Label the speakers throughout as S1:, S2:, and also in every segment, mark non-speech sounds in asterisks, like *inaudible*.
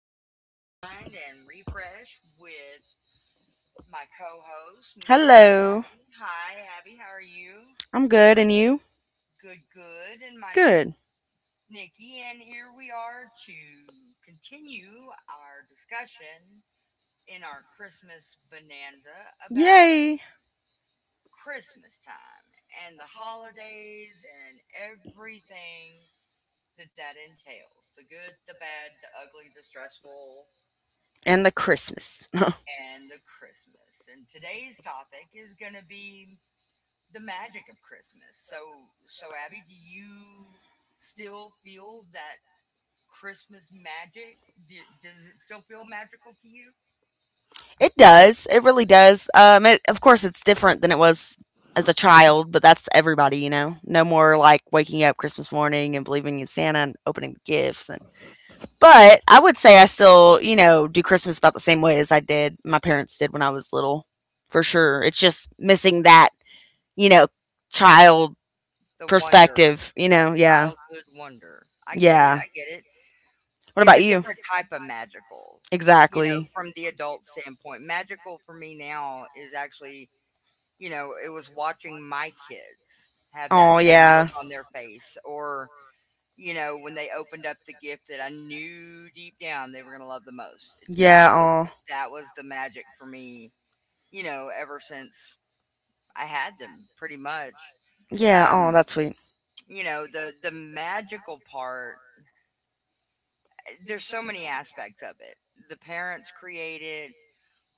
S1: to rewind and refresh with my co-host, Miss.
S2: Hello.
S1: Hi, Abby. How are you?
S2: I'm good. And you?
S1: Good, good. And my name
S2: Good.
S1: is Nikki, and here we are to continue our discussion in our Christmas bonanza about
S2: Yay.
S1: Christmas time and the holidays and everything that entails the good, the bad, the ugly, the stressful,
S2: And the Christmas.
S1: and the Christmas. And today's topic is going to be the magic of Christmas. So, Abby, do you still feel that Christmas magic? Do, does it still feel magical to you?
S2: *laughs* It does. It really does. Of course, it's different than it was as a child, but that's everybody, you know? No more like waking up Christmas morning and believing in Santa and opening gifts. But I would say I still, do Christmas about the same way as I did, my parents did when I was little, for sure. It's just missing that, you know, child
S1: The wonder,
S2: perspective, you
S1: that
S2: know, yeah.
S1: childhood wonder. I get it.
S2: Yeah.
S1: I get it.
S2: What
S1: It's
S2: about
S1: a
S2: you?
S1: different type of magical, you know,
S2: Exactly.
S1: from the adult standpoint. Magical for me now is actually, you know, it was watching my kids have that
S2: Oh,
S1: same
S2: yeah.
S1: look on their face, or you know, when they opened up the gift that I knew deep down they were gonna love the most.
S2: Yeah,
S1: That was
S2: oh.
S1: that was the magic for me, you know, ever since I had them pretty much.
S2: Yeah, oh,
S1: Um,
S2: that's sweet.
S1: you know, the magical part, there's so many aspects of it. The parents create it,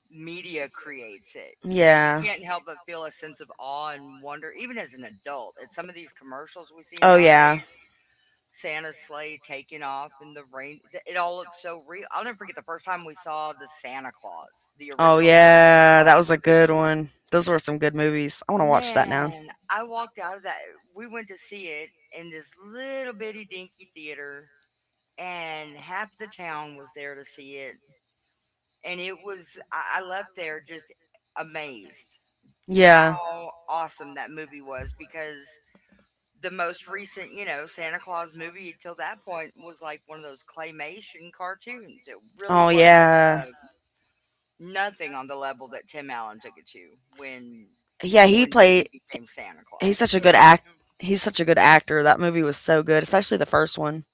S1: media creates it. You know, you
S2: Yeah.
S1: can't help but feel a sense of awe and wonder even as an adult at some of these commercials we see
S2: Oh, yeah.
S1: nowadays. Santa's sleigh taking off and the rain. It all looks so real. I'll never forget the first time we saw the Santa Claus, the
S2: Oh,
S1: original, the Santa
S2: yeah. That
S1: Claus
S2: was a good
S1: movie.
S2: one. Those were some good movies. I want to watch that now.
S1: Man, I walked out of that. We went to see it in this little bitty dinky theater, and half the town was there to see it. And it was, I left there just amazed
S2: Yeah.
S1: how awesome that movie was, because the most recent, you know, Santa Claus movie until that point was like one of those claymation cartoons. It really
S2: Oh,
S1: wasn't uh,
S2: yeah.
S1: nothing on the level that Tim Allen took it to
S2: Yeah,
S1: when he became Santa
S2: he's such
S1: Claus.
S2: a
S1: You
S2: good
S1: know?
S2: act he's such a good actor. That movie was so good, especially the first one.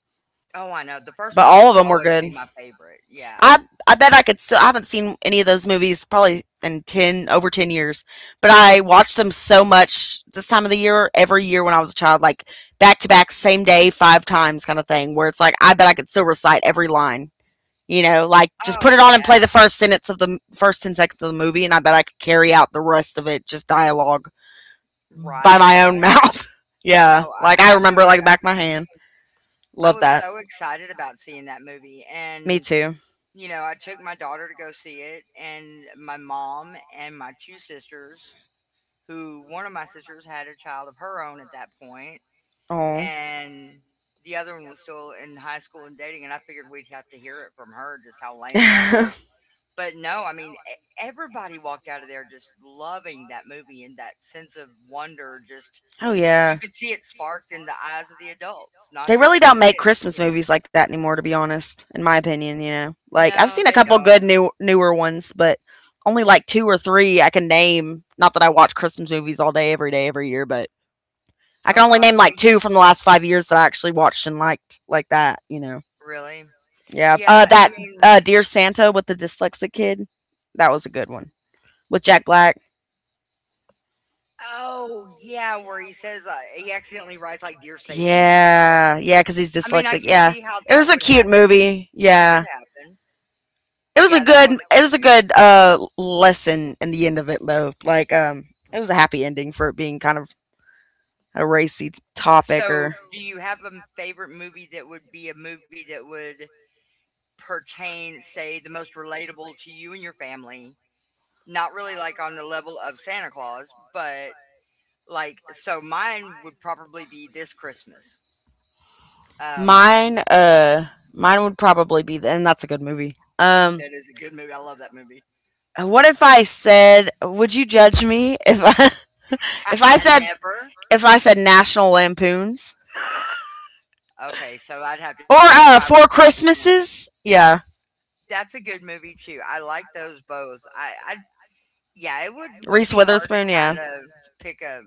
S1: Oh, I know. The first
S2: But
S1: one
S2: all of
S1: will
S2: them were
S1: always
S2: good.
S1: be my favorite. Yeah.
S2: I I bet I could still. I haven't seen any of those movies probably in ten over 10 years, but I watched them so much this time of the year, every year when I was a child, like back to back, same day, five times, kind of thing. Where it's like I bet I could still recite every line. You know, like just put
S1: Oh,
S2: it on and
S1: yeah.
S2: play the first sentence of the first 10 seconds of the movie, and I bet I could carry out the rest of it just dialogue by
S1: Right,
S2: my own *laughs*
S1: right.
S2: mouth.
S1: No,
S2: Yeah, like I
S1: I know
S2: remember like back of my hand.
S1: exactly. I
S2: Love
S1: was
S2: that.
S1: so excited about seeing that movie.
S2: Me
S1: And,
S2: too.
S1: you know, I took my daughter to go see it, and my mom and my two sisters, who, one of my sisters had a child of her own at that point,
S2: Oh.
S1: and the other one was still in high school and dating. And I figured we'd have to hear it from her just how lame that
S2: *laughs*
S1: was. But no, I mean, everybody walked out of there just loving that movie and that sense of wonder. Just
S2: oh yeah.
S1: you could see it sparked in the eyes of the adults, not
S2: They
S1: just
S2: really don't
S1: the
S2: make
S1: kids,
S2: Christmas
S1: you know?
S2: movies like that anymore, to be honest, in my opinion, you know. Like I've
S1: No,
S2: seen a
S1: they
S2: couple good
S1: don't.
S2: newer ones, but only like two or three I can name. Not that I watch Christmas movies all day every year, but I
S1: Oh
S2: can only
S1: gosh,
S2: name
S1: I
S2: like two
S1: used
S2: from the last 5 years that I actually watched and liked like that, you know.
S1: really.
S2: Yeah.
S1: Yeah, I
S2: That
S1: mean,
S2: Dear Santa with the dyslexic kid. That was a good one with Jack Black.
S1: oh yeah, where he says he accidentally writes like "Dear Satan," right?
S2: Yeah, yeah, because he's
S1: I mean, I
S2: dyslexic.
S1: can
S2: Yeah,
S1: see how
S2: it
S1: that
S2: was a
S1: would *laughs*
S2: cute
S1: happen.
S2: movie.
S1: That could
S2: Yeah,
S1: happen.
S2: it was a
S1: Yeah, that
S2: good.
S1: was a
S2: It was
S1: cute
S2: a
S1: movie.
S2: good lesson in the end of it, though. Like, it was a happy ending for it being kind of a racy topic.
S1: So,
S2: Or
S1: do you have a favorite movie that would be a movie that would pertain, say, the most relatable to you and your family? Not really like on the level of Santa Claus, but like, so mine would probably be This Christmas. Um,
S2: mine, uh, mine would probably be, and that's a good movie.
S1: that is a good movie. I love that movie.
S2: What if I said? Would you judge me if I,
S1: *laughs*
S2: *laughs* if I
S1: I
S2: said
S1: never.
S2: if I said National Lampoons
S1: Okay, so I'd have to
S2: or
S1: change my
S2: Four
S1: response then.
S2: Christmases? Yeah,
S1: That's a good movie too. I like those both. I yeah, it would
S2: Reese
S1: be hard to
S2: Witherspoon.
S1: kind
S2: Yeah.
S1: of pick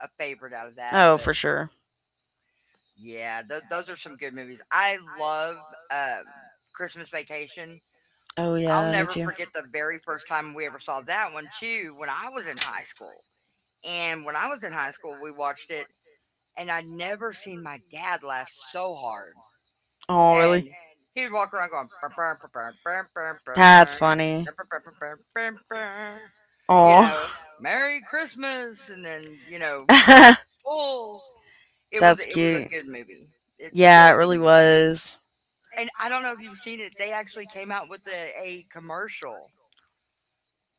S1: a favorite out of that,
S2: Oh,
S1: but
S2: for sure.
S1: yeah, those are some good movies. I love, um, Christmas Vacation.
S2: Oh
S1: I'll
S2: yeah, me
S1: never
S2: too.
S1: forget the very first time we ever saw that one too, when I was in high school, and when I was in high school, we watched it, and I'd never seen my dad laugh so hard,
S2: Oh really?
S1: and he would walk around going, "Burr, burr, burr, burr, burr, burr,
S2: That's
S1: burr,
S2: funny.
S1: burr, burr, burr, burr, burr, burr," you
S2: Oh,
S1: know, "Merry Christmas," and then, you know.
S2: *laughs*
S1: Oh.
S2: that's
S1: It was a
S2: cute.
S1: good movie. It's
S2: Yeah,
S1: still
S2: it
S1: a good
S2: really
S1: movie.
S2: was.
S1: And I don't know if you've seen it, they actually came out with a commercial,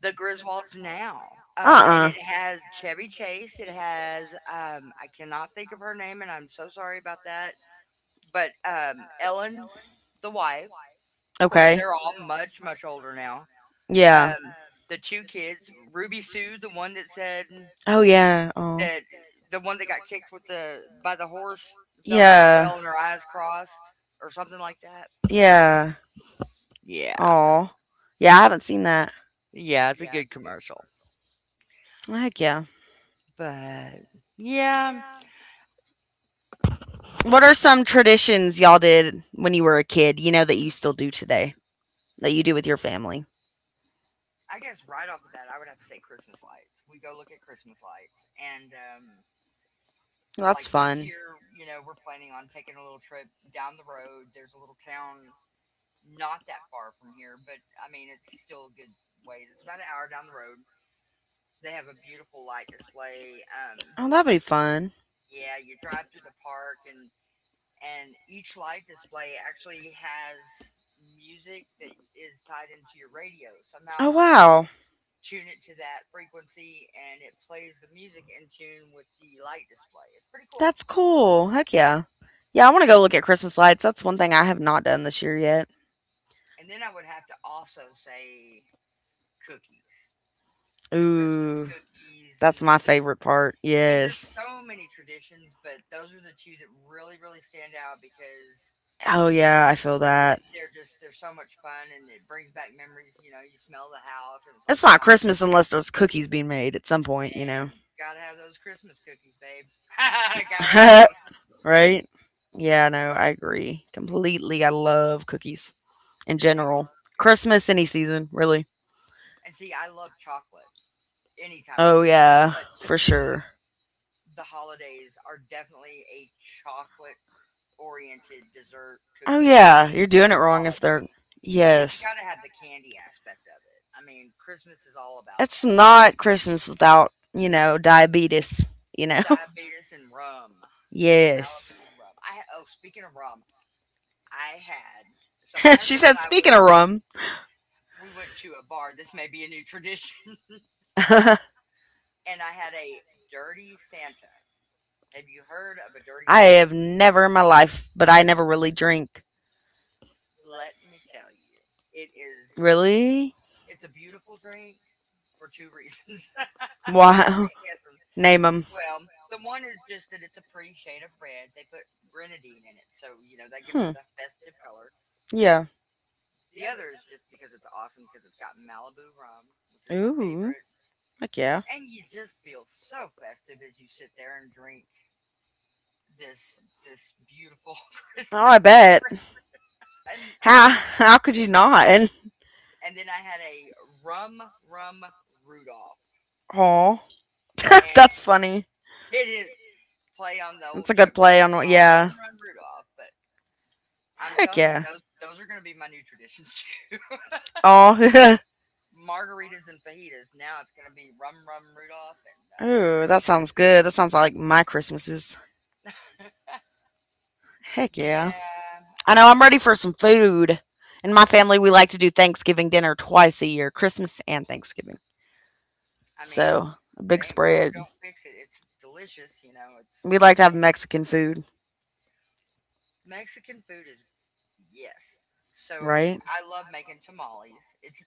S1: The Griswolds Now.
S2: Uh
S1: And
S2: uh
S1: it has Chevy Chase. It has I cannot think of her name, and I'm so sorry about that. But Ellen, the wife. Of course,
S2: Okay.
S1: they're all much much older now.
S2: Yeah.
S1: Um, the two kids, Ruby Sue,
S2: Oh yeah. Oh.
S1: That the one that got kicked with the by the horse, fell down a
S2: Yeah.
S1: well and her eyes crossed or something like that?
S2: Yeah.
S1: Yeah.
S2: Oh. Yeah, I haven't seen that.
S1: Yeah, it's a good commercial.
S2: Well, heck yeah.
S1: But yeah,
S2: What are some traditions y'all did when you were a kid, that you still do today, that you do with your family?
S1: I guess right off the bat I would have to say Christmas lights. We go look at Christmas lights, and
S2: Well, that's
S1: like this
S2: fun.
S1: year, you know, we're planning on taking a little trip down the road. There's a little town not that far from here, but I mean it's still a good ways. It's about an hour down the road. They have a beautiful light display.
S2: Oh, that'd be fun.
S1: Yeah, you drive through the park, and each light display actually has music that is tied into your radio.
S2: Oh, you
S1: Somehow you
S2: wow.
S1: tune it to that frequency, and it plays the music in tune with the light display. It's pretty cool.
S2: That's cool. Heck yeah. Yeah, I want to go look at Christmas lights. That's one thing I have not done this year yet.
S1: And then I would have to also say cookies, the Christmas
S2: Ooh,
S1: cookies, and
S2: that's my
S1: and the,
S2: favorite part.
S1: I mean, there's
S2: Yes.
S1: so many traditions, but those are the two that really really stand out because
S2: Oh yeah, I feel that.
S1: they're just they're so much fun, and it brings back memories. You know, you smell the house and it's like,
S2: It's not
S1: oh
S2: Christmas unless there's cookies being made at some point, you know.
S1: man, gotta have those Christmas cookies, babe. *laughs* Gotta have
S2: *laughs*
S1: them.
S2: right? Yeah, no, I agree completely. I love cookies in
S1: They
S2: general.
S1: are good.
S2: Christmas, any season, really.
S1: And see, I love chocolate any time of
S2: Oh,
S1: year,
S2: yeah,
S1: but to
S2: for
S1: me,
S2: sure.
S1: the holidays are definitely a chocolate oriented dessert
S2: Oh,
S1: cookie
S2: yeah, you're doing it wrong if they're.
S1: holiday, because you
S2: Yes.
S1: gotta have the candy aspect of it. I mean, Christmas is all about
S2: It's
S1: that.
S2: not Christmas without, diabetes, you know? *laughs*
S1: Diabetes and rum.
S2: Yes.
S1: Malibu rum. I oh, speaking of rum, I had. So my
S2: *laughs* She
S1: husband
S2: said,
S1: and I
S2: speaking
S1: went.
S2: of rum,
S1: We went to a bar. This may be a new tradition. *laughs*
S2: *laughs* I
S1: And I had a dirty Santa. Have you heard of a dirty Santa?
S2: have never in my life, but I never really drink.
S1: Let me tell you, it is.
S2: Really?
S1: It's a beautiful drink for two reasons. *laughs* I bet you
S2: Wow.
S1: can't guess them.
S2: *laughs* Name them.
S1: Well, the one is just that it's a pretty shade of red. They put grenadine in it, so you know that gives
S2: Hmm.
S1: it the festive color.
S2: Yeah.
S1: The other is just because it's awesome because it's got Malibu rum, which is my
S2: Ooh.
S1: favorite,
S2: Heck yeah.
S1: and you just feel so festive as you sit there and drink this beautiful *laughs*
S2: Oh,
S1: Christmas.
S2: I bet.
S1: And
S2: How could you not?
S1: and then I had a rum rum Rudolph,
S2: Oh, *laughs* that's
S1: and
S2: funny.
S1: it is play on the
S2: That's
S1: old
S2: a good
S1: Chuck
S2: play
S1: Berry
S2: on.
S1: song "Run
S2: Yeah.
S1: Run Rudolph." But I'm
S2: Heck
S1: telling you,
S2: yeah.
S1: those are going to be my new traditions too. *laughs* It used to be
S2: Oh.
S1: margaritas and fajitas. Now it's going to be rum rum Rudolph and
S2: *laughs* Ooh,
S1: Dirty
S2: that sounds
S1: Santa.
S2: good. That sounds like my Christmases. Heck yeah.
S1: Yeah,
S2: I know I'm ready for some food. In my family, we like to do Thanksgiving dinner twice a year: Christmas and Thanksgiving.
S1: I mean,
S2: So, a
S1: if it
S2: big
S1: ain't broke,
S2: spread.
S1: don't fix it. It's delicious, you know. It's
S2: We like to have Mexican food.
S1: Mexican food is yes.
S2: Yes,
S1: So
S2: right?
S1: I love making tamales.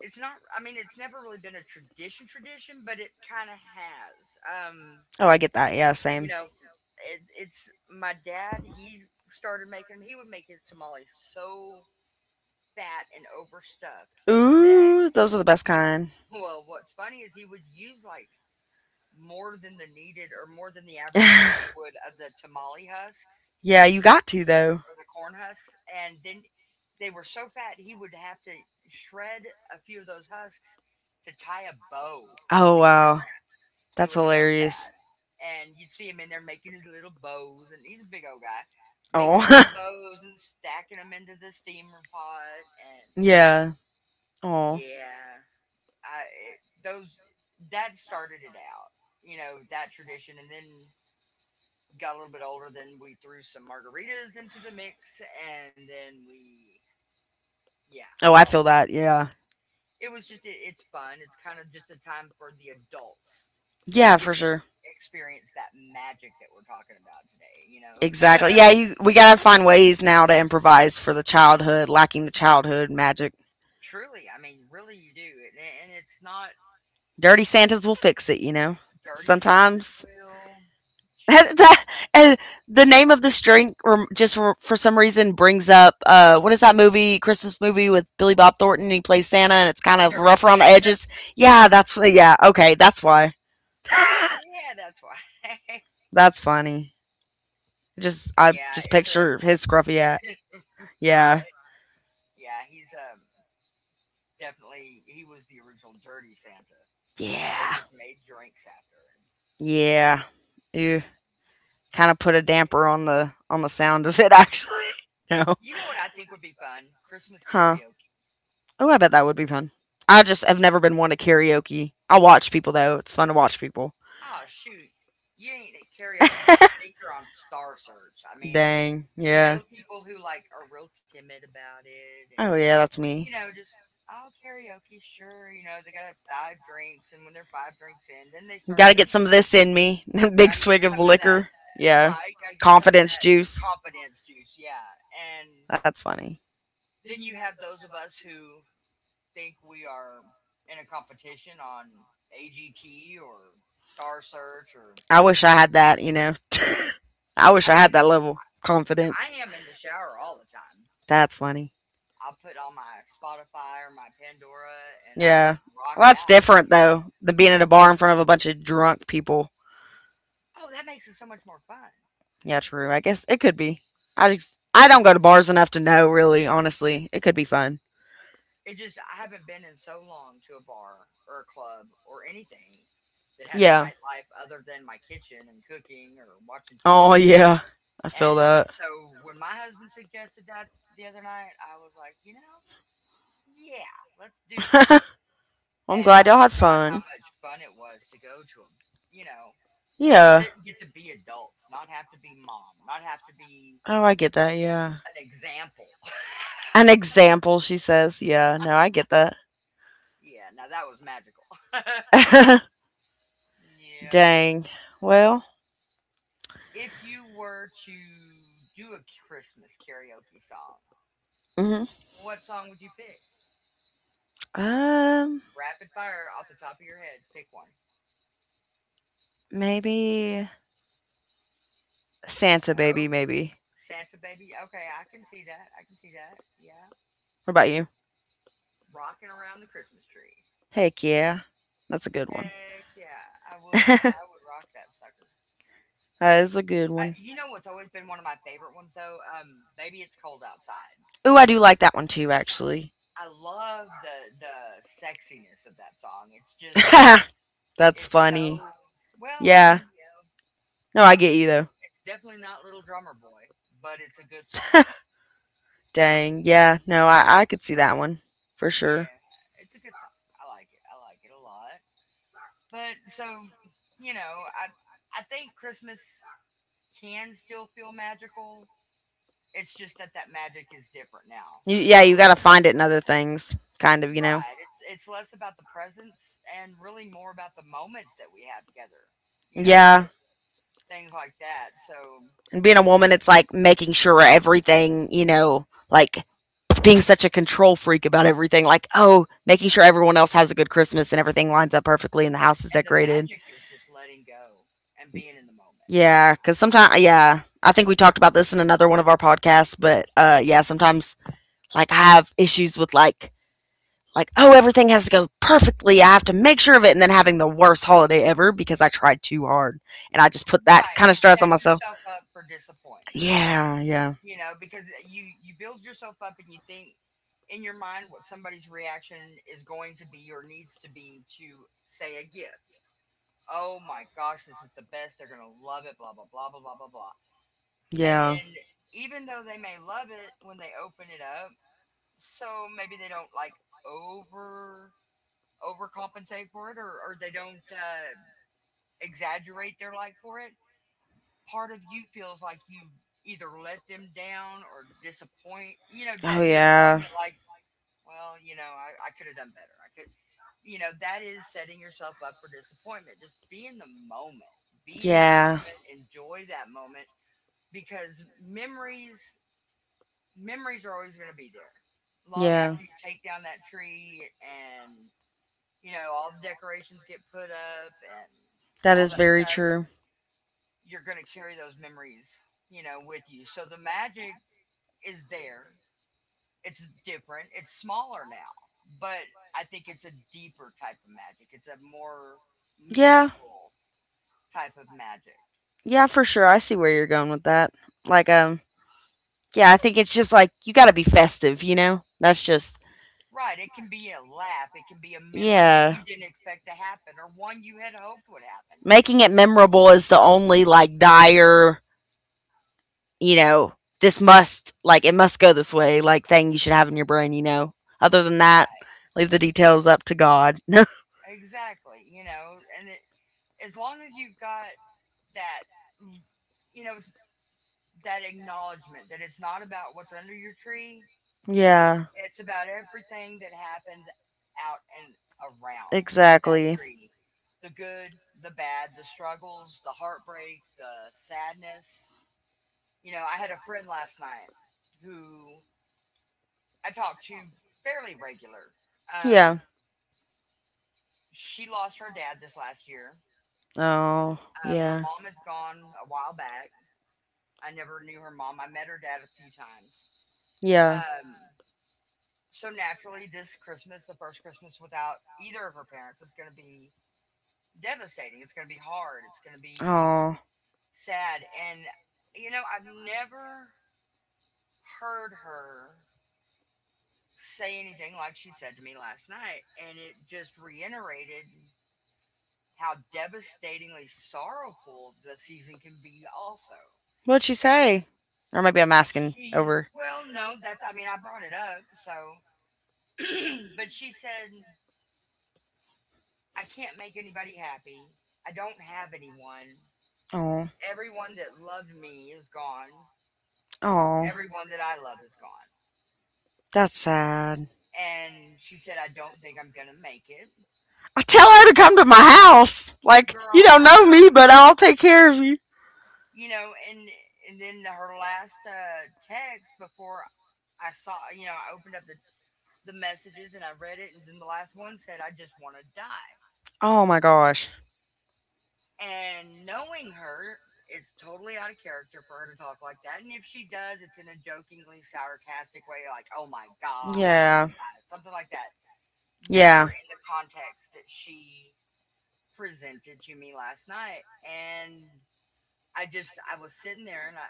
S1: It's not I mean it's never really been a tradition tradition, but it kind of has.
S2: Oh, I get that. Yeah,
S1: You
S2: same.
S1: know, it's my dad, he started making them. He would make his tamales so fat and overstuffed that
S2: Ooh, those are the best
S1: he
S2: kind.
S1: well, what's funny is he would use like more than the needed or more than the average person
S2: *laughs*
S1: would of the tamale husks,
S2: yeah, you got to though.
S1: the corn husks, and then they were so fat he would have to shred a few of those husks to tie a bow just
S2: Oh
S1: to keep
S2: wow,
S1: it. It
S2: that's
S1: was so
S2: hilarious.
S1: fat, and you'd see him in there making his little bows, and he's a big old guy,
S2: Oh,
S1: making his little bows and stacking them into the steamer pot, and
S2: *laughs* yeah. Oh,
S1: yeah, I it, those that started it out, you know, that tradition, and then got a little bit older, then we threw some margaritas into the mix, and then we, yeah,
S2: oh, I
S1: well,
S2: feel that. Yeah,
S1: it's fun. It's kind of just a time for the adults to
S2: yeah,
S1: get
S2: for
S1: to
S2: sure.
S1: experience that magic that we're talking about today. You know, *laughs*
S2: Exactly. Yeah, you we gotta find ways now to improvise for the childhood, lacking the childhood magic.
S1: truly, I mean, really, you do, and it's not
S2: Dirty Santas will fix it, you know.
S1: dirty Santa's
S2: Sometimes
S1: bill.
S2: *laughs*
S1: Choo- choo-
S2: that and the name of this drink, just for some reason, brings up what is that movie, Christmas movie with Billy Bob Thornton, and he plays Santa and it's kind of
S1: Dirty
S2: rough around the
S1: Santa. *laughs*
S2: edges. Yeah, that's, yeah, okay, that's why.
S1: Yeah, that's why. *laughs*
S2: That's funny. Just I
S1: Yeah,
S2: just
S1: it's a
S2: picture his scruffy hat. Yeah,
S1: right. Yeah, he's definitely he was the original Dirty Santa. They
S2: yeah,
S1: just made drinks after it.
S2: yeah.
S1: But
S2: Ew. Kind of put a
S1: yeah,
S2: damper on the sound of it, actually. *laughs* no.
S1: you know what I think would be fun? Christmas
S2: Huh.
S1: karaoke.
S2: Oh, I bet that would be fun. I just have never been one to karaoke. I watch people though. It's fun to watch people.
S1: Oh shoot. You ain't at karaoke. I think you're on Star Search. I mean,
S2: Dang.
S1: you
S2: Yeah.
S1: know people who like are real timid about it and
S2: Oh yeah, that's
S1: you
S2: me.
S1: know, just oh karaoke, sure, you know, they gotta have five drinks and when they're five drinks in, then they start
S2: Got to get
S1: singing.
S2: some of this in me. *laughs* Big
S1: Gotta get
S2: swig
S1: some
S2: of
S1: of that
S2: liquor. Yeah.
S1: right, gotta get some of
S2: Confidence
S1: that
S2: juice.
S1: confidence juice, yeah. And
S2: That's funny.
S1: then you have those of us who think we are in a competition on AGT or Star Search or
S2: I wish I had that, you know. *laughs* I wish
S1: I
S2: I
S1: mean,
S2: had that level of confidence.
S1: I am in the shower all the time.
S2: That's funny.
S1: I'll put on my Spotify or my Pandora and I
S2: Yeah.
S1: will rock
S2: Well, that's
S1: out.
S2: different though than being at a bar in front of a bunch of drunk people.
S1: Oh, that makes it so much more fun.
S2: Yeah, true. I guess it could be. I don't go to bars enough to know really, honestly. It could be fun.
S1: It just, I haven't been in so long to a bar or a club or anything that had a
S2: Yeah.
S1: nightlife other than my kitchen and cooking or watching
S2: Oh
S1: TV.
S2: yeah. I feel
S1: And
S2: that.
S1: so when my husband suggested that the other night, I was like, you know, yeah, let's do that.
S2: *laughs* Well, I'm
S1: And I
S2: glad y'all had
S1: forgot how
S2: fun.
S1: much fun it was to go to a, you know, just
S2: Yeah.
S1: sit and get to be adults, not have to be mom, not have to be
S2: Oh, I get that. Yeah.
S1: an example. *laughs*
S2: An example, she says. Yeah. No, I get that.
S1: Yeah, now that was magical. *laughs* Yeah.
S2: *laughs* Dang. Well,
S1: If you were to do a Christmas karaoke song,
S2: hmm
S1: what song would you pick?
S2: um,
S1: Rapid fire off the top of your head. Pick one.
S2: maybe Santa
S1: No.
S2: Baby, maybe.
S1: Santa Baby. Okay, I can see that. I can see that. Yeah.
S2: What about you?
S1: Rocking around the Christmas tree.
S2: Heck yeah. That's a good one.
S1: Heck yeah, I would.
S2: *laughs* that
S1: I would rock that sucker.
S2: is a good one.
S1: You know what's always been one of my favorite ones though? Baby It's Cold Outside.
S2: Ooh, I do like that one too, actually.
S1: I love the sexiness of that song. It's just
S2: *laughs* That's
S1: it's so
S2: funny.
S1: well, I
S2: Yeah.
S1: mean,
S2: No, I get you
S1: it's definitely not Little Drummer Boy, but it's a good song.
S2: though. *laughs* Dang. Yeah. No, I could see that one for sure.
S1: Yeah, it's a good song. I like it. I like it a lot. But so, you know, I think Christmas can still feel magical. It's just that that magic is different now that
S2: Yeah,
S1: we're a
S2: you got
S1: little
S2: to
S1: bit
S2: find it in
S1: older.
S2: other things, kind of, you know?
S1: Right. It's less about the presents and really more about the moments that we have together. You know,
S2: Yeah.
S1: things like that. So,
S2: And being a woman, it's like making sure everything, like being such a control freak about everything. Like, oh, making sure everyone else has a good Christmas and everything lines up perfectly and the house is
S1: and the
S2: decorated.
S1: magic is just letting go and being in the moment. I
S2: Yeah,
S1: think
S2: because sometimes, yeah, I think we talked about
S1: it's
S2: this in another one of our podcasts, but yeah, sometimes like I have issues with like oh everything has to go perfectly. I have to make sure of it, and then having the worst holiday ever because I tried too hard, and I just put that
S1: right.
S2: kind of
S1: You
S2: stress on
S1: set
S2: myself.
S1: yourself up for disappointment,
S2: Yeah, yeah,
S1: you know, because you build yourself up and you think in your mind what somebody's reaction is going to be or needs to be to say a gift. Oh my gosh, this is the best. They're going to love it, blah blah blah blah blah blah blah. And
S2: yeah.
S1: then even though they may love it when they open it up, so maybe they don't like over overcompensate for it or they don't exaggerate their like for it, part of you feels like you either let them down or disappoint, you know,
S2: Oh
S1: that
S2: yeah,
S1: disappointment, like, well, you know, I could have done better. I could, you know, that is setting yourself up for disappointment. Just be in the moment, be in the
S2: yeah,
S1: moment, enjoy that moment because memories are always going to be there long
S2: yeah.
S1: after you take down that tree and you know, all the decorations get put up and
S2: That
S1: all
S2: is
S1: that
S2: very
S1: stuff,
S2: true.
S1: you're going to carry those memories, you know, with you. So the magic is there. It's different. It's smaller now, but I think it's a deeper type of magic. It's a more
S2: Yeah,
S1: meaningful type of magic.
S2: yeah, for sure. I see where you're going with that. Like, yeah, I think it's just like you got to be festive, you know? That's just,
S1: Right. It can be a laugh. It can be a memory that
S2: yeah.
S1: you didn't expect to happen or one you had hoped would happen.
S2: Making it memorable is the only, like, dire, you know, this must, like, it must go this way, like, thing you should have in your brain, you know? Other than that,
S1: Right.
S2: leave the details up to God. *laughs*
S1: Exactly. You know, and it, as long as you've got that, you know, it's that acknowledgement that it's not about what's under your tree,
S2: yeah,
S1: it's about everything that happens out and around that
S2: exactly.
S1: tree the good, the bad, the struggles, the heartbreak, the sadness. You know, I had a friend last night who I talked to fairly regular. Um,
S2: Yeah.
S1: she lost her dad this last year.
S2: Oh,
S1: Her
S2: yeah.
S1: mom is gone a while back. I never knew her mom. I met her dad a few times.
S2: Yeah.
S1: Um, So naturally, this Christmas, the first Christmas without either of her parents, is going to be devastating. It's going to be hard. It's going to be
S2: Oh.
S1: sad. And, you know, I've never heard her say anything like she said to me last night. And it just reiterated how devastatingly sorrowful the season can be, also.
S2: What'd she
S1: And
S2: say? Or maybe I'm asking. She,
S1: she's,
S2: over.
S1: well, no, that's, I mean, I brought it up. So, *clears throat* but she said, I can't make anybody happy. I don't have anyone.
S2: It up, so.
S1: Everyone that loved me is gone.
S2: Oh, oh,
S1: Everyone that I love is gone.
S2: that's sad.
S1: And she said, I don't think I'm going to make it.
S2: I tell
S1: I
S2: her to
S1: just,
S2: come to my house. Like, you
S1: girl,
S2: girl, don't
S1: I
S2: know me,
S1: know,
S2: but I'll take care of you.
S1: you know, and then her last text before I saw, you know, I opened up the messages and I read it. And then the last one said, I just want to die.
S2: Oh my gosh.
S1: And knowing her, it's totally out of character for her to talk like that. And if she does, it's in a jokingly sarcastic way, like, oh my God, I'm going to
S2: Yeah,
S1: die, something like that. Never
S2: yeah.
S1: in the context that she presented to me last night. And I just, I was sitting there and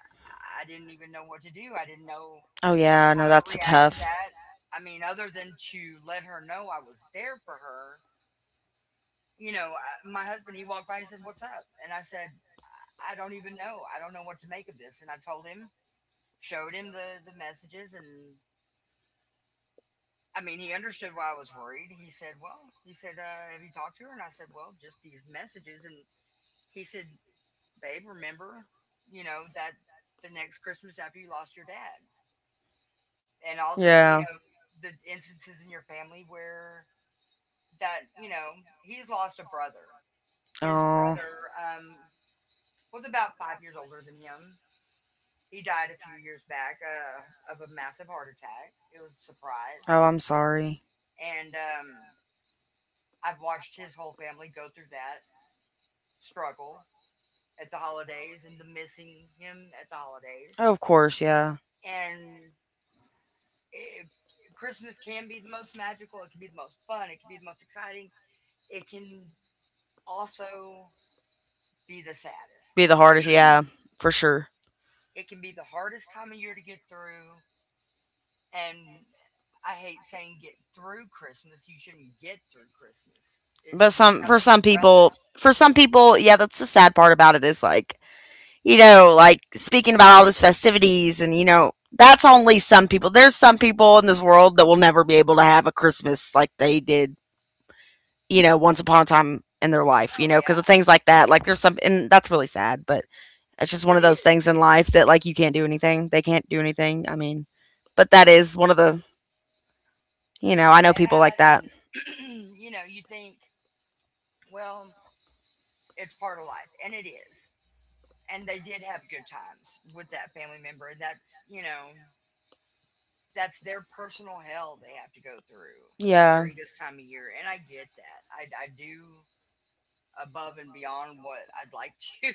S1: I didn't even know what to do. I didn't know
S2: Oh yeah. No, I,
S1: how to
S2: that's a
S1: react
S2: tough,
S1: to
S2: said.
S1: that. I mean, other than to let her know I was there for her you know, I, my husband, he walked by and said, what's up? And I said, I don't even know. I don't know what to make of this. And I told him, showed him the messages. And I mean, he understood why I was worried. He said, well, he said, have you talked to her? And I said, well, just these messages. And he said, babe, remember, you know, that the next Christmas after you lost your dad and all the, you
S2: Yeah.
S1: know, the instances in your family where that, you know, he's lost a brother. His
S2: Oh.
S1: brother um, was about 5 years older than him. He died a few years back of a massive heart attack. It was a surprise.
S2: Oh, I'm sorry.
S1: And I've watched his whole family go through that struggle at the holidays and the missing him at the holidays.
S2: Oh, of course, yeah.
S1: And it, Christmas can be the most magical, it can be the most fun, it can be the most exciting, it can also be the saddest.
S2: Be the hardest, yeah, for sure.
S1: It can be the hardest time of year to get through, and I hate saying get through Christmas. You shouldn't get through Christmas. It
S2: But
S1: should be
S2: some for
S1: something
S2: some
S1: you
S2: people,
S1: relish.
S2: yeah, that's the sad part about it, is like, like speaking about all these festivities, and that's only some people. There's some people in this world that will never be able to have a Christmas like they did, once upon a time in their life,
S1: Oh
S2: because
S1: yeah,
S2: of things like that. Like there's some, and that's really sad, but it's just one
S1: it
S2: of those
S1: is.
S2: things in life
S1: It's
S2: that like you can't do anything. They can't do anything. I mean, but that is one of the, I
S1: it's
S2: know people like
S1: sad,
S2: that.
S1: and *clears throat* you know you think, well, it's part of life, and it is. And they did have good times with that family member, and that's you know that's their personal hell they have to go through
S2: Yeah.
S1: during this time of year, and I get that. I do above and beyond what I'd like *laughs* to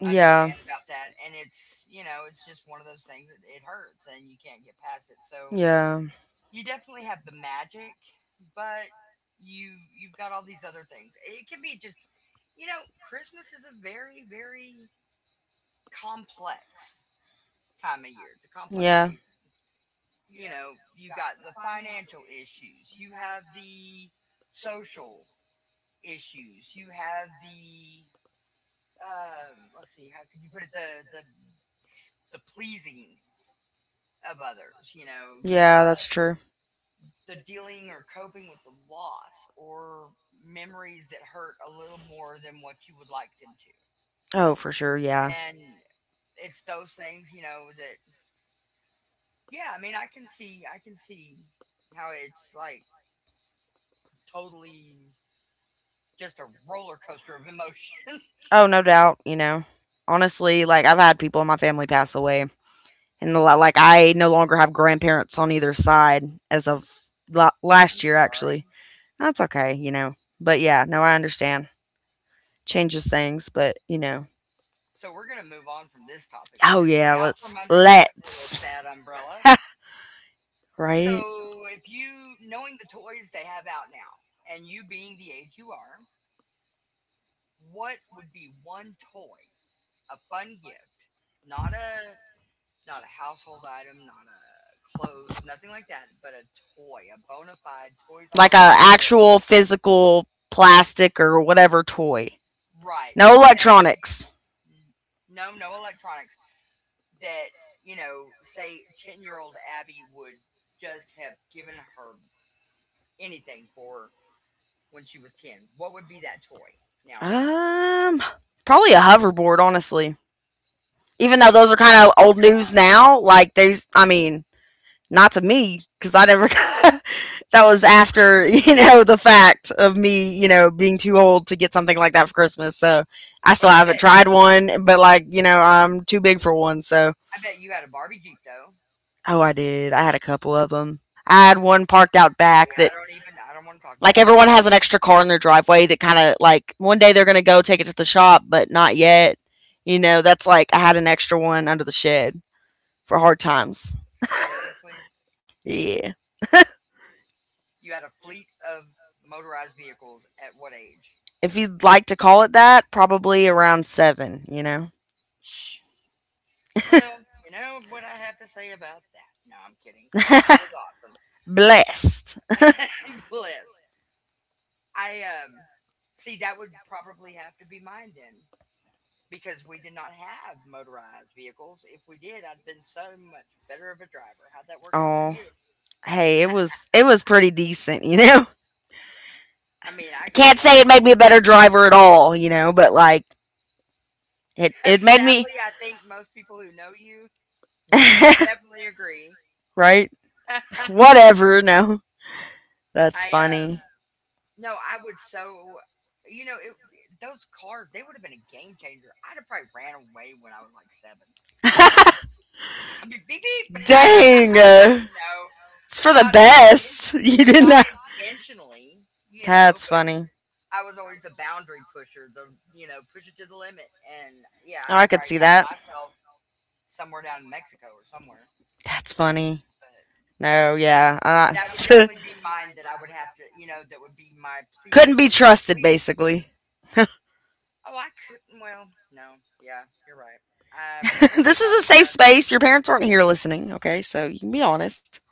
S2: Yeah.
S1: understand about that. And it's, you know, it's just one of those things that it hurts and you can't get past it. So
S2: Yeah.
S1: you definitely have the magic, but you've got all these other things. It can be just you know, Christmas is a very, very complex time of year. It's a complex
S2: Yeah.
S1: season. You know, you have got the financial issues, you have the social issues, you have the let's see, how could you put it? The pleasing of others. You know, you've
S2: Yeah,
S1: got
S2: that's true.
S1: the dealing or coping with the loss or memories that hurt a little more than what you would like them to.
S2: Oh, for sure. Yeah.
S1: And it's those things, you know, that yeah, I mean, I can see how it's like totally just a roller coaster of emotions.
S2: Oh, no doubt, you know. Honestly, like I've had people in my family pass away, and like I no longer have grandparents on either side as of
S1: *laughs* I'm
S2: last year.
S1: sorry.
S2: Actually, that's okay, you know. But yeah, no, I understand changes things, but you know,
S1: So we're going to move on from this topic. We're
S2: oh
S1: going to get
S2: yeah,
S1: out from
S2: let's
S1: under that little
S2: let's
S1: sad umbrella.
S2: *laughs*
S1: So
S2: right,
S1: if you knowing the toys they have out now and you being the age you are, what would be one toy, a fun gift, not a household item, not a clothes, nothing like that, but a toy, a bona fide Toys R
S2: like a
S1: Us
S2: actual physical plastic or whatever toy,
S1: right.
S2: no
S1: That say
S2: electronics.
S1: no, no electronics. That, you know, say 10 year old Abby would just have given her anything for when she was ten. What would be that toy nowadays?
S2: Um, probably a hoverboard, honestly. Even though
S1: So you
S2: those are kind
S1: like
S2: of old
S1: broken
S2: news
S1: arm.
S2: now, like there's, I mean, not to me because I never. *laughs* That was after *laughs* the fact of me, being too old to get something like that for Christmas. So I still
S1: But
S2: haven't tried one, but like I'm too big for one. So
S1: I bet you had a Barbie Jeep though.
S2: oh, I did. I had a couple of them. I had one parked out
S1: See,
S2: back that.
S1: I don't want to talk about
S2: Like
S1: it.
S2: everyone has an extra car in their driveway that kind of like one day they're gonna go take it to the shop, but not yet. That's like I had an extra one under the shed for hard times.
S1: Seriously?
S2: Yeah.
S1: You had a fleet of motorized vehicles at what age?
S2: If you'd like to call it that, probably around seven,
S1: Shh. Well, you know what I have to say about that. No, I'm kidding. Santa was
S2: *laughs* Blessed.
S1: awesome. *laughs* Bliss. I see that would probably have to be mine then. Because we did not have motorized vehicles. If we did, I'd been so much better of a driver. How'd that work out for
S2: Oh,
S1: you?
S2: hey, it was pretty decent,
S1: I mean,
S2: *laughs*
S1: I
S2: I
S1: could
S2: can't
S1: love
S2: say it
S1: it.
S2: made me a better driver at all, but like it
S1: *laughs*
S2: it made me
S1: Sadly, I think most people who know you would
S2: *laughs*
S1: definitely agree.
S2: right?
S1: *laughs*
S2: Whatever, no. That's
S1: I
S2: funny.
S1: no, I would so you know it, those cars they would have been a game changer. I'd have probably ran away when I was like seven.
S2: *laughs*
S1: *laughs* I mean, beep beep.
S2: Dang.
S1: *laughs*
S2: It's for
S1: No,
S2: the
S1: not in,
S2: best. *laughs* You didn't
S1: not
S2: know.
S1: intentionally,
S2: That's
S1: but
S2: funny.
S1: I was always the boundary pusher, the push it to the limit, and yeah,
S2: Oh,
S1: I'd
S2: I
S1: have
S2: could
S1: probably
S2: see
S1: gotten
S2: that.
S1: myself somewhere down in Mexico or somewhere.
S2: That's funny. No, yeah.
S1: That would definitely be mine that I would have to, you know, that would be my
S2: *laughs*
S1: please,
S2: Couldn't be
S1: please,
S2: trusted,
S1: please.
S2: basically.
S1: Oh, I couldn't. Well, no. Yeah, you're right. I
S2: *laughs*
S1: probably would
S2: This
S1: not
S2: is a
S1: be
S2: safe space.
S1: trusted.
S2: Your parents aren't here listening, okay? So you can be honest. *laughs*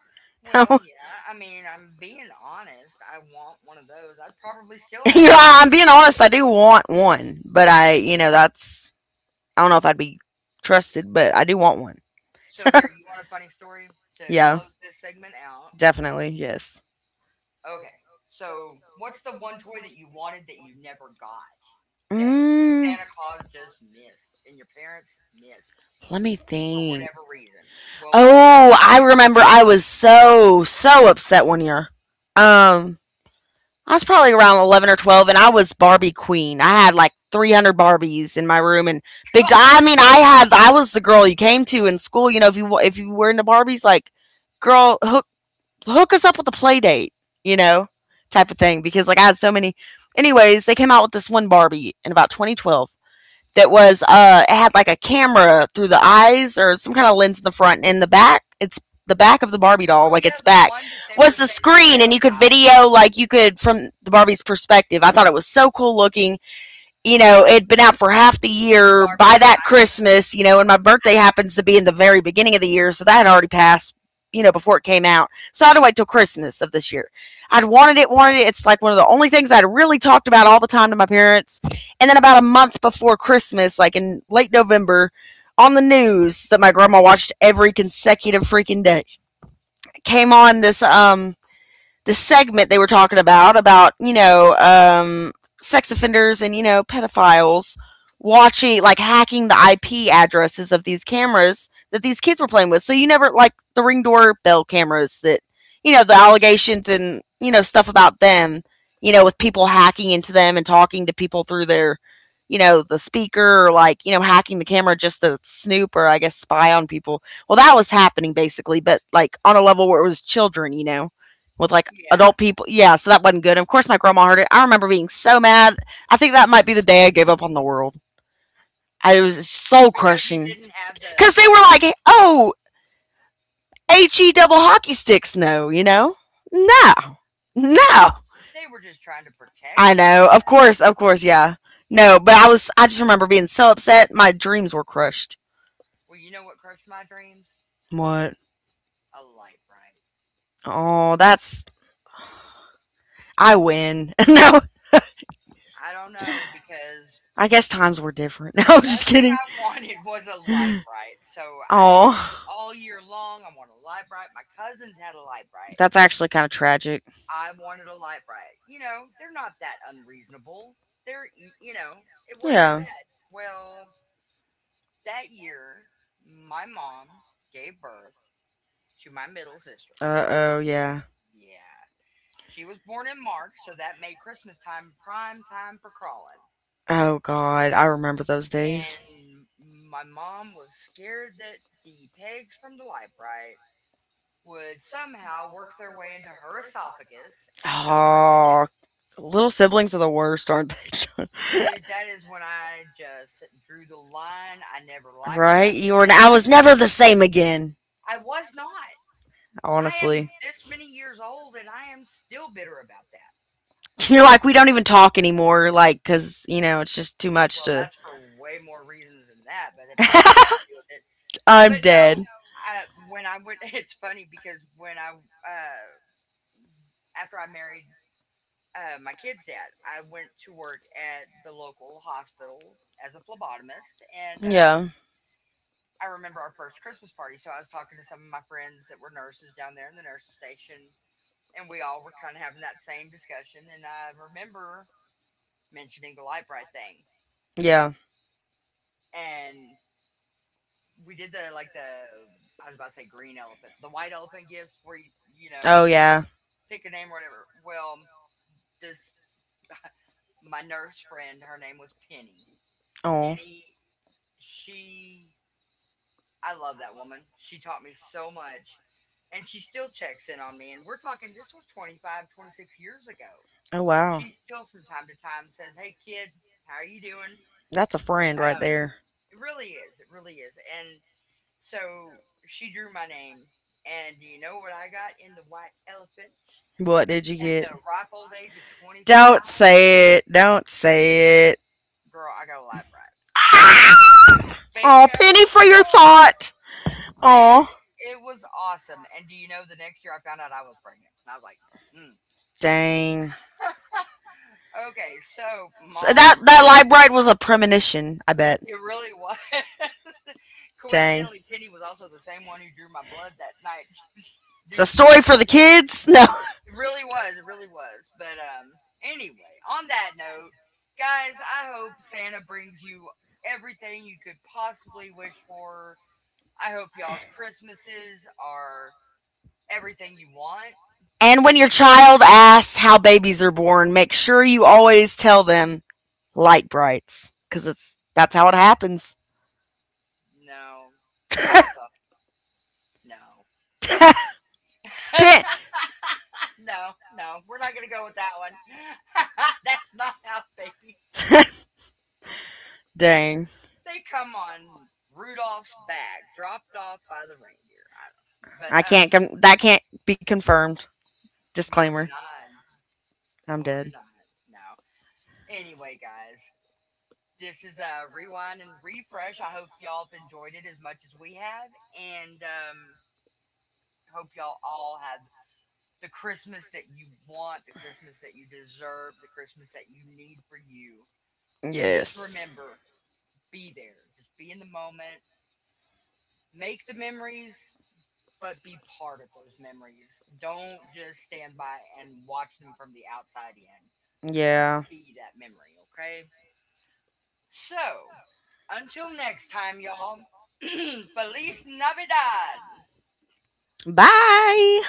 S2: No. *laughs*
S1: Well, yeah. I mean, I'm being honest. I want one of those. I'd probably still have one.
S2: I'm being honest. I do want one, but I, that's, I don't know if I'd be trusted, but I do want one.
S1: So, here, you want a funny story to
S2: Yeah,
S1: close this segment out?
S2: definitely. Yes.
S1: Okay. So, what's the one toy that you wanted that you never got, that
S2: Mm,
S1: Santa Claus just missed and your parents missed
S2: let me
S1: for
S2: think.
S1: whatever reason? Well, while you're
S2: Oh, I
S1: thinking,
S2: remember I was so, so upset one year. Um, I was probably around 11 or 12, and I was Barbie queen. I had like 300 Barbies in my room, and big.
S1: *laughs*
S2: I mean, I had. I was the girl you came to in school. If you were into Barbies, like, girl, hook us up with a play date. You know, type of thing. Because like I had so many. Anyways, they came out with this one Barbie in about 2012, that was it had like a camera through the eyes or some kind of lens in the front, and in the back it's the back of the Barbie doll,
S1: oh
S2: like
S1: yeah,
S2: its
S1: the
S2: back
S1: one that they were
S2: was the
S1: saying that
S2: screen and you could
S1: pedophiles,
S2: video, like you could from the Barbie's perspective. I thought it was so cool looking. It'd been out for half the
S1: the
S2: year
S1: Barbie
S2: by that
S1: Skycam.
S2: Christmas, and my birthday happens to be in the very beginning of the year, so that had already passed, before it came out. So I had to wait till Christmas of this year. I'd wanted it, wanted it. It's like one of the only things I'd really talked about all the time to my parents. And then about a month before Christmas, like in late November, on the news that my grandma watched every consecutive freaking day, came on this the segment they were talking about sex offenders and pedophiles watching, like hacking the IP addresses of these cameras that these kids were playing with. So you never, like the ring doorbell cameras that the allegations and stuff about them. You know, with people hacking into them and talking to people through their, the speaker, or like hacking the camera just to snoop or I guess spy on people. Well, that was happening basically, but like on a level where it was children. You know, with like
S1: Yeah,
S2: adult people. Yeah, so that wasn't good. Of course, my grandma heard it. I remember being so mad. I think that might be the day I gave up on the world. I, it was soul
S1: because you
S2: crushing
S1: didn't have the
S2: because they
S1: the.
S2: were like, "Oh, H E double hockey sticks." No, no, no.
S1: They were just trying to
S2: I
S1: protect. Lil.
S2: know. Of course, yeah. No, but I was. I just remember being so upset. My dreams were crushed.
S1: Well, you know what crushed my dreams?
S2: What?
S1: A light bright.
S2: Oh, that's. I win. *laughs* No,
S1: I don't know, because
S2: I guess times were different. *laughs* No,
S1: the
S2: I'm
S1: one
S2: just
S1: thing
S2: kidding.
S1: I *laughs* wanted was a light
S2: *laughs*
S1: bright. So I,
S2: Oh,
S1: all year long, I wanted a light bright. My cousins had a light bright.
S2: that's actually kind of tragic.
S1: I wanted a light bright. You know, they're not that unreasonable. They're, you know, it wasn't that
S2: Yeah.
S1: bad. Well, that year, my mom gave birth to my middle sister.
S2: Uh oh, yeah.
S1: Yeah. She was born in March, so that made Christmas time prime time for crawling.
S2: Oh God, I remember those days.
S1: And my mom was scared that the pegs from the light bright would somehow work their way into her esophagus and choke her to
S2: Oh,
S1: death.
S2: little siblings are the worst, aren't they?
S1: Dude, that is when I
S2: *laughs*
S1: just drew the line. I never liked her
S2: Right?
S1: after
S2: You were. I
S1: that.
S2: was never the same again.
S1: I was not. I
S2: Honestly,
S1: am this many years old and I am still
S2: *laughs*
S1: bitter about that.
S2: you're
S1: And,
S2: like, we don't even talk anymore. Like, cause it's just too much
S1: well,
S2: to.
S1: that's for way more reasons than that, but it probably has something to do with
S2: *laughs*
S1: it.
S2: I'm
S1: But no,
S2: dead.
S1: I, when I went, *laughs* it's funny because when I, uh, after I married my kid's dad, I went to work at the local hospital as a phlebotomist. And
S2: Yeah.
S1: I remember our first Christmas party. So I was talking to some of my friends that were nurses down there in the nurses station. And we all were kind of having that same discussion. And I remember mentioning the light bright thing.
S2: Yeah.
S1: And we did the I was about to say green elephant, the white elephant gifts where you know
S2: Oh
S1: you
S2: yeah.
S1: pick a name or whatever. Well, this my nurse friend, her name was Penny.
S2: Oh,
S1: Penny, she I love that woman. She taught me so much, and she still checks in on me. And we're talking, this was 25, 26 years ago.
S2: oh wow.
S1: She still from time to time says, "Hey kid, how are you doing?"
S2: That's a friend right
S1: Um,
S2: there.
S1: it really is. It really is. And so she drew my name, and do you know what I got in the white elephants
S2: What did you
S1: at
S2: get?
S1: the ripe old age of 25?
S2: Don't say it. Don't say it.
S1: Girl, I got a lab rat.
S2: Oh,
S1: Bingo
S2: penny for your
S1: score!
S2: thought.
S1: Dude,
S2: Oh,
S1: it was awesome. And do you know the next year I found out I was pregnant? And I was like, mm,
S2: dang.
S1: okay, so
S2: So
S1: mom,
S2: that that light bright was a premonition. I bet.
S1: it really was. *laughs*
S2: Dang.
S1: Coincidentally, Penny was also the same one who drew my blood that night *laughs*
S2: It's
S1: due
S2: a
S1: the
S2: story for the
S1: pregnancy.
S2: kids. *laughs* No.
S1: It really was. It really was. But anyway, on that note, guys, I hope Santa brings you everything you could possibly wish for. I hope y'all's Christmases are everything you want.
S2: And when
S1: And
S2: your
S1: if
S2: child asks how babies are born, make sure you always tell them light brights, because it's that's how it happens.
S1: no, no, that's a no, *laughs*
S2: Pit.
S1: no, no, we're not gonna go with that one. *laughs* That's not how babies.
S2: Dang,
S1: They come on Rudolph's bag, dropped off by the reindeer. I don't. Know. But
S2: I can't. Com- that can't be confirmed.
S1: nor
S2: Disclaimer.
S1: denied,
S2: I'm
S1: nor
S2: dead.
S1: denied. No, anyway, guys, this is a rewind and refresh. I hope y'all have enjoyed it as much as we have, and hope y'all all have the Christmas that you want, the Christmas that you deserve, the Christmas that you need for you. And just
S2: Yes.
S1: remember, be there. Just be in the moment. Make the memories, but be part of those memories. Don't just stand by and watch them from the outside in.
S2: Yeah.
S1: Be that memory, okay? So, until next time, y'all. *clears throat* Feliz Navidad.
S2: Bye.